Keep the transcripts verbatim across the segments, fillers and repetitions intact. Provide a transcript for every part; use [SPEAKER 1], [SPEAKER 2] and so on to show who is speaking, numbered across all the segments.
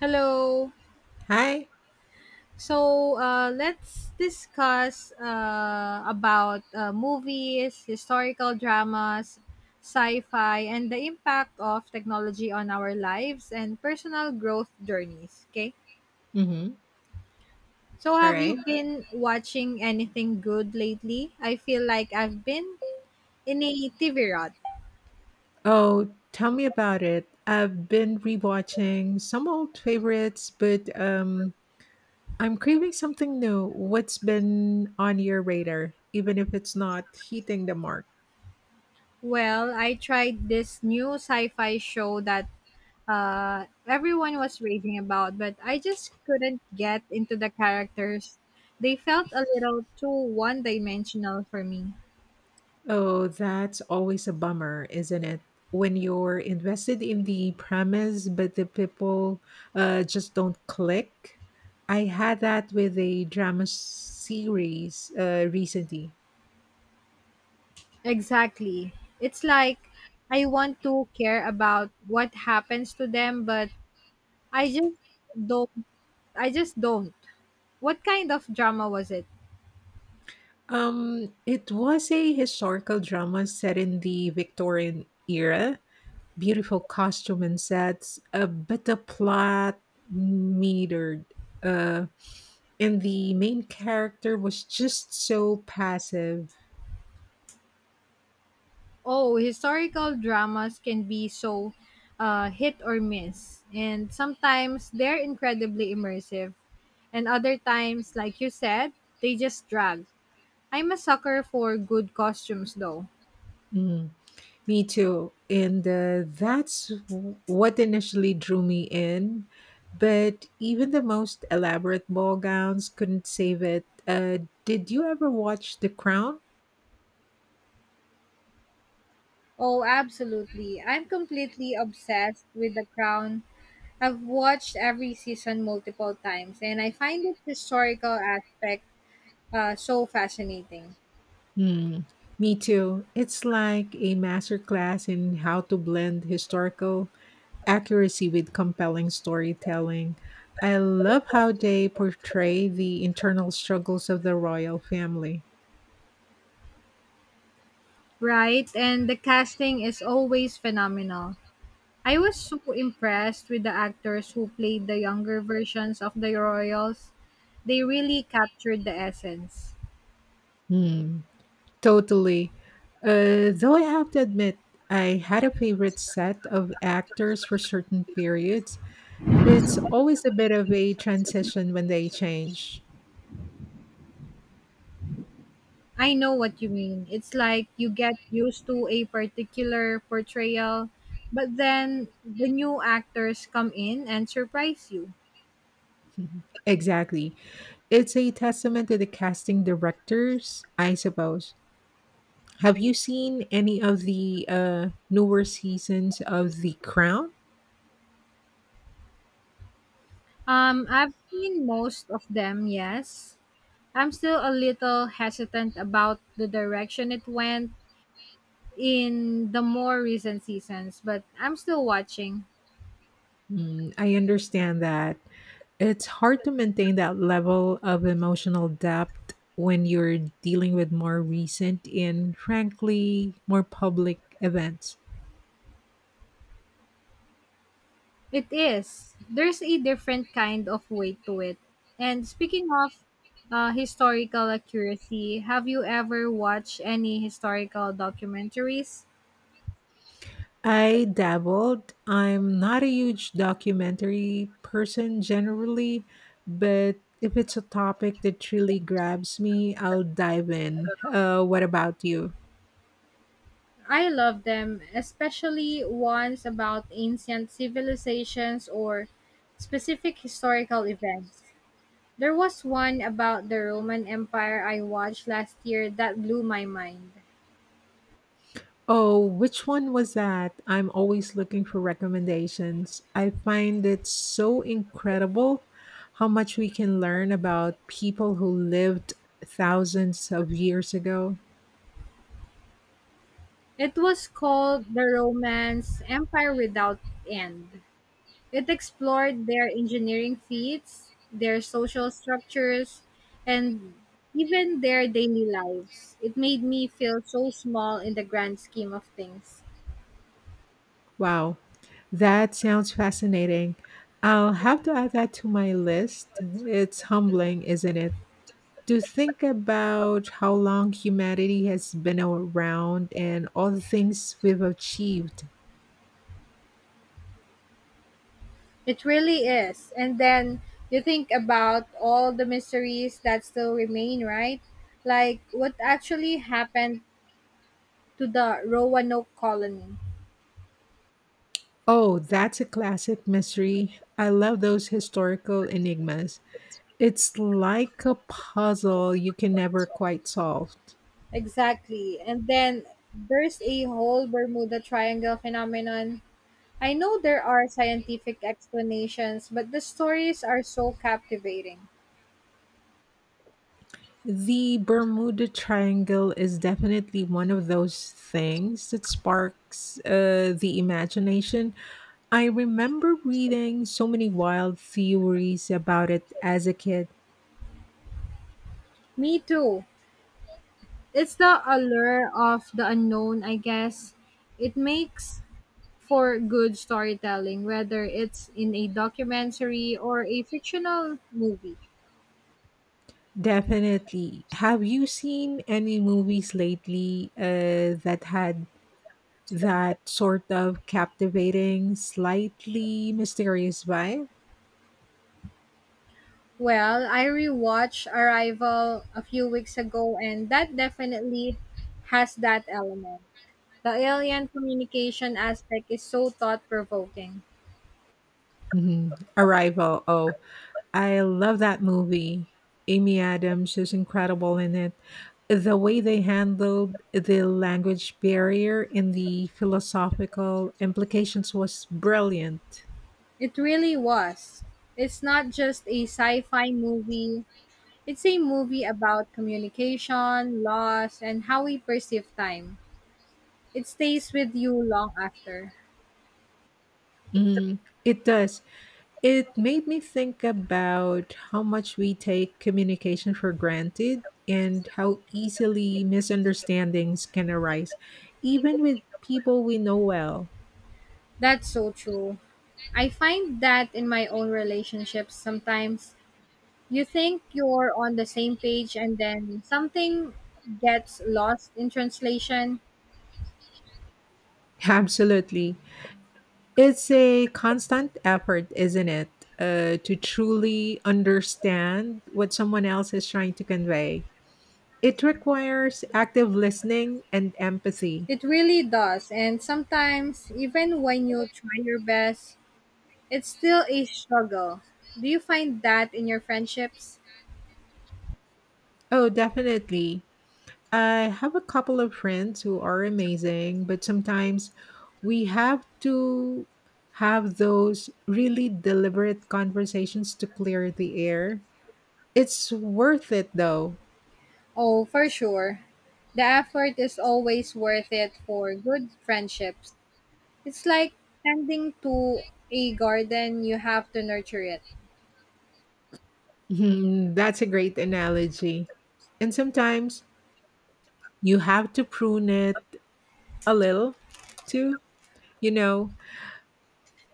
[SPEAKER 1] Hello.
[SPEAKER 2] Hi.
[SPEAKER 1] So uh, let's discuss uh, about uh, movies, historical dramas, sci-fi, and the impact of technology on our lives and personal growth journeys. Okay.
[SPEAKER 2] Mm-hmm.
[SPEAKER 1] So
[SPEAKER 2] All
[SPEAKER 1] have
[SPEAKER 2] right.
[SPEAKER 1] you been watching anything good lately? I feel like I've been in a T V rut.
[SPEAKER 2] Oh, tell me about it. I've been rewatching some old favorites, but um I'm craving something new. What's been on your radar, even if it's not hitting the mark?
[SPEAKER 1] Well, I tried this new sci-fi show that uh, everyone was raging about, but I just couldn't get into the characters. They felt a little too one dimensional for me.
[SPEAKER 2] Oh, that's always a bummer, isn't it? When you're invested in the premise, but the people uh, just don't click. I had that with a drama series uh, recently.
[SPEAKER 1] Exactly. It's like I want to care about what happens to them, but I just don't. I just don't. What kind of drama was it?
[SPEAKER 2] Um, it was a historical drama set in the Victorian era. Beautiful costume and sets, uh, but the plot metered. Uh, and the main character was just so passive.
[SPEAKER 1] Oh, historical dramas can be so uh, hit or miss, and sometimes they're incredibly immersive. And other times, like you said, they just drag. I'm a sucker for good costumes though.
[SPEAKER 2] Mm. Me too. And uh, that's w- what initially drew me in. But even the most elaborate ball gowns couldn't save it. Uh, did you ever watch The Crown?
[SPEAKER 1] Oh, absolutely. I'm completely obsessed with The Crown. I've watched every season multiple times and I find its historical aspect uh, so fascinating.
[SPEAKER 2] Hmm. Me too. It's like a masterclass in how to blend historical accuracy with compelling storytelling. I love how they portray the internal struggles of the royal family.
[SPEAKER 1] Right, and the casting is always phenomenal. I was so impressed with the actors who played the younger versions of the royals. They really captured the essence.
[SPEAKER 2] Hmm. Totally. Uh, though I have to admit, I had a favorite set of actors for certain periods. It's always a bit of a transition when they change.
[SPEAKER 1] I know what you mean. It's like you get used to a particular portrayal, but then the new actors come in and surprise you.
[SPEAKER 2] Mhm. Exactly. It's a testament to the casting directors, I suppose. Have you seen any of the uh, newer seasons of The Crown?
[SPEAKER 1] Um, I've seen most of them, yes. I'm still a little hesitant about the direction it went in the more recent seasons, but I'm still watching.
[SPEAKER 2] Mm, I understand that. It's hard to maintain that level of emotional depth when you're dealing with more recent and, frankly, more public events.
[SPEAKER 1] It is. There's a different kind of weight to it. And speaking of uh, historical accuracy, have you ever watched any historical documentaries?
[SPEAKER 2] I dabbled. I'm not a huge documentary person generally, but if it's a topic that truly grabs me, I'll dive in. Uh, what about you?
[SPEAKER 1] I love them, especially ones about ancient civilizations or specific historical events. There was one about the Roman Empire I watched last year that blew my mind.
[SPEAKER 2] Oh, which one was that? I'm always looking for recommendations. I find it so incredible how much we can learn about people who lived thousands of years ago.
[SPEAKER 1] It was called The Romance Empire Without End. It explored their engineering feats, their social structures, and even their daily lives. It made me feel so small in the grand scheme of things.
[SPEAKER 2] Wow, that sounds fascinating. I'll have to add that to my list. It's humbling, isn't it? To think about how long humanity has been around and all the things we've achieved.
[SPEAKER 1] It really is. And then you think about all the mysteries that still remain, right? Like what actually happened to the Roanoke colony.
[SPEAKER 2] Oh, that's a classic mystery. I love those historical enigmas. It's like a puzzle you can never quite solve.
[SPEAKER 1] Exactly. And then there's a whole Bermuda Triangle phenomenon. I know there are scientific explanations, but the stories are so captivating.
[SPEAKER 2] The Bermuda Triangle is definitely one of those things that sparks uh, the imagination. I remember reading so many wild theories about it as a kid.
[SPEAKER 1] Me too. It's the allure of the unknown, I guess. It makes for good storytelling, whether it's in a documentary or a fictional movie.
[SPEAKER 2] Definitely. Have you seen any movies lately uh, that had that sort of captivating, slightly mysterious vibe?
[SPEAKER 1] Well, I rewatched Arrival a few weeks ago, and that definitely has that element. The alien communication aspect is so thought provoking.
[SPEAKER 2] Mhm. Arrival. Oh, I love that movie. Amy Adams is incredible in it. The way they handled the language barrier and the philosophical implications was brilliant.
[SPEAKER 1] It really was. It's not just a sci fi movie, it's a movie about communication, loss, and how we perceive time. It stays with you long after.
[SPEAKER 2] Mhm. It does. It made me think about how much we take communication for granted and how easily misunderstandings can arise, even with people we know well.
[SPEAKER 1] That's so true. I find that in my own relationships sometimes you think you're on the same page and then something gets lost in translation.
[SPEAKER 2] Absolutely. It's a constant effort, isn't it? Uh, to truly understand what someone else is trying to convey. It requires active listening and empathy.
[SPEAKER 1] It really does. And sometimes, even when you try your best, it's still a struggle. Do you find that in your friendships?
[SPEAKER 2] Oh, definitely. I have a couple of friends who are amazing, but sometimes we have to have those really deliberate conversations to clear the air. It's worth it though.
[SPEAKER 1] Oh, for sure. The effort is always worth it for good friendships. It's like tending to a garden, you have to nurture it.
[SPEAKER 2] Mhm, that's a great analogy. And sometimes you have to prune it a little too. You know,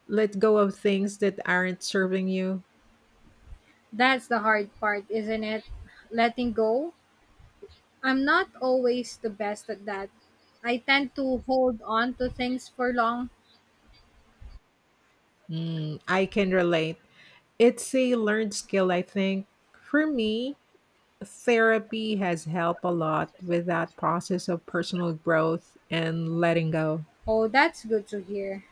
[SPEAKER 2] let go of things that aren't serving you.
[SPEAKER 1] That's the hard part, isn't it? Letting go. I'm not always the best at that. I tend to hold on to things for long.
[SPEAKER 2] Mm, I can relate. It's a learned skill, I think. For me, therapy has helped a lot with that process of personal growth and letting go.
[SPEAKER 1] Oh, that's good to hear.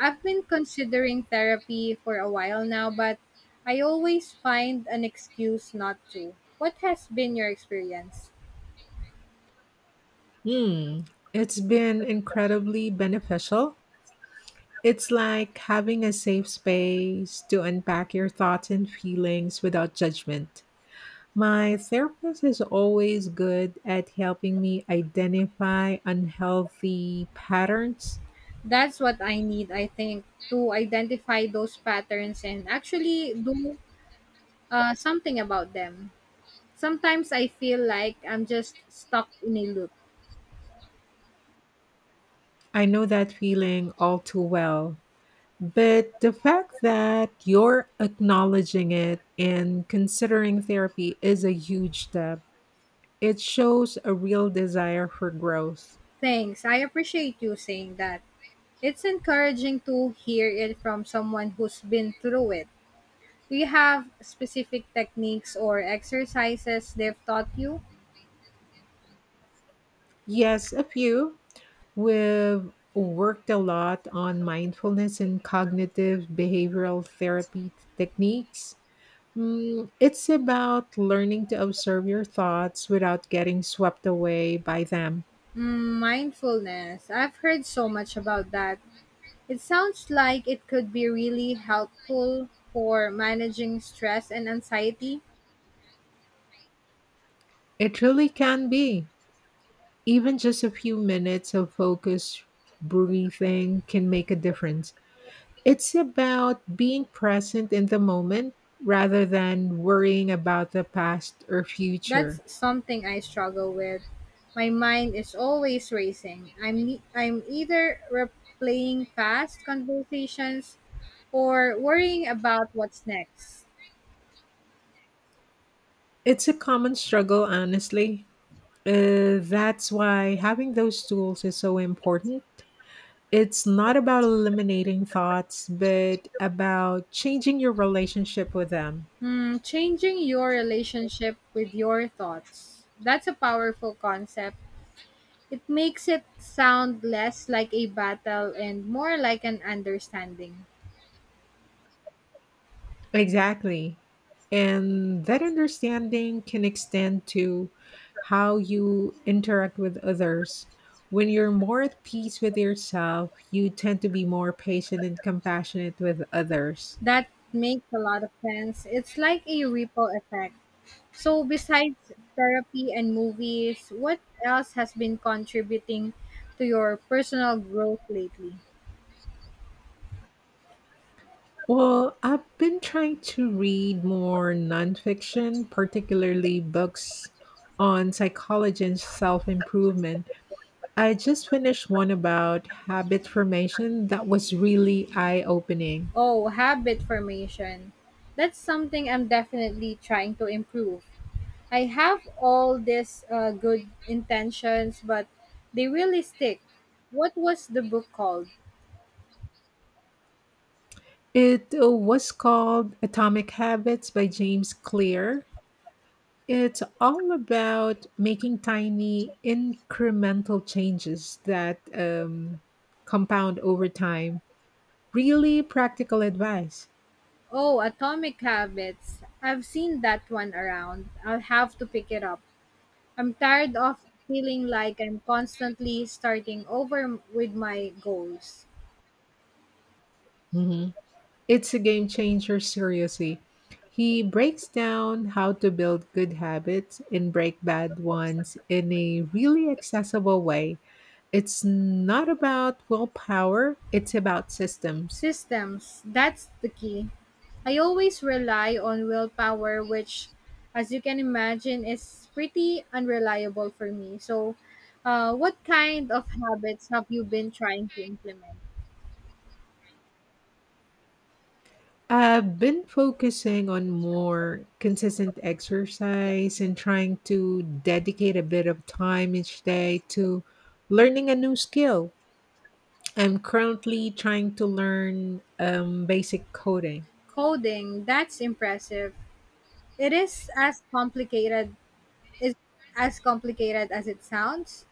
[SPEAKER 1] I've been considering therapy for a while now, but I always find an excuse not to. What has been your experience?
[SPEAKER 2] Hmm. It's been incredibly beneficial. It's like having a safe space to unpack your thoughts and feelings without judgment. My therapist is always good at helping me identify unhealthy patterns.
[SPEAKER 1] That's what I need, I think, to identify those patterns and actually do uh, something about them. Sometimes I feel like I'm just stuck in a loop.
[SPEAKER 2] I know that feeling all too well. But the fact that you're acknowledging it and considering therapy is a huge step. It shows a real desire for growth.
[SPEAKER 1] Thanks. I appreciate you saying that. It's encouraging to hear it from someone who's been through it. Do you have specific techniques or exercises they've taught you?
[SPEAKER 2] Yes, a few. We've worked a lot on mindfulness and cognitive behavioral therapy techniques. Mm, it's about learning to observe your thoughts without getting swept away by them.
[SPEAKER 1] Mm, mindfulness. I've heard so much about that. It sounds like it could be really helpful for managing stress and anxiety.
[SPEAKER 2] It really can be. Even just a few minutes of focused breathing can make a difference. It's about being present in the moment rather than worrying about the past or
[SPEAKER 1] That's
[SPEAKER 2] future.
[SPEAKER 1] something I struggle with. My mind is always racing. I'm ne- I'm either replaying past conversations or worrying about what's next.
[SPEAKER 2] It's a common struggle, honestly. Uh, that's why having those tools is so important. It's not about eliminating thoughts, but about changing your relationship with them.
[SPEAKER 1] Hmm, changing your relationship with your thoughts. That's a powerful concept. It makes it sound less like a battle and more like an understanding.
[SPEAKER 2] Exactly. And that understanding can extend to how you interact with others. When you're more at peace with yourself, you tend to be more patient and compassionate with others.
[SPEAKER 1] That makes a lot of sense. It's like a ripple effect. So, besides therapy and movies, what else has been contributing to your personal growth lately?
[SPEAKER 2] Well, I've been trying to read more nonfiction, particularly books on psychology and self improvement. I just finished one about habit formation that was really eye opening.
[SPEAKER 1] Oh, habit formation. That's something I'm definitely trying to improve. I have all these uh, good intentions, but they really stick. What was the book called?
[SPEAKER 2] It uh, was called Atomic Habits by James Clear. It's all about making tiny incremental changes that um, compound over time. Really practical advice.
[SPEAKER 1] Oh, Atomic Habits. I've seen that one around. I'll have to pick it up. I'm tired of feeling like I'm constantly starting over m- with my goals.
[SPEAKER 2] Mhm. It's a game changer, seriously. He breaks down how to build good habits and break bad ones in a really accessible way. It's not about willpower, it's about systems.
[SPEAKER 1] Systems, that's the key. I always rely on willpower, which, as you can imagine, is pretty unreliable for me. So, uh, what kind of habits have you been trying to implement?
[SPEAKER 2] I've been focusing on more consistent exercise and trying to dedicate a bit of time each day to learning a new skill. I'm currently trying to learn um, basic coding.
[SPEAKER 1] Coding, that's impressive. It is as complicated is as complicated as it sounds.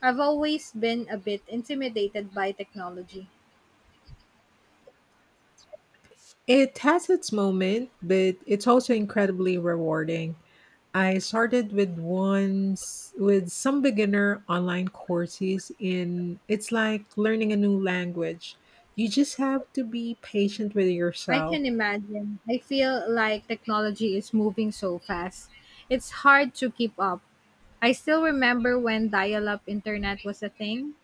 [SPEAKER 1] I've always been a bit intimidated by technology.
[SPEAKER 2] It has its moment, but it's also incredibly rewarding. I started with ones with some beginner online courses and it's like learning a new language. You just have to be patient with
[SPEAKER 1] I
[SPEAKER 2] yourself.
[SPEAKER 1] can imagine. I feel like technology is moving so fast. It's hard to keep up. I still remember when dial up internet was a thing.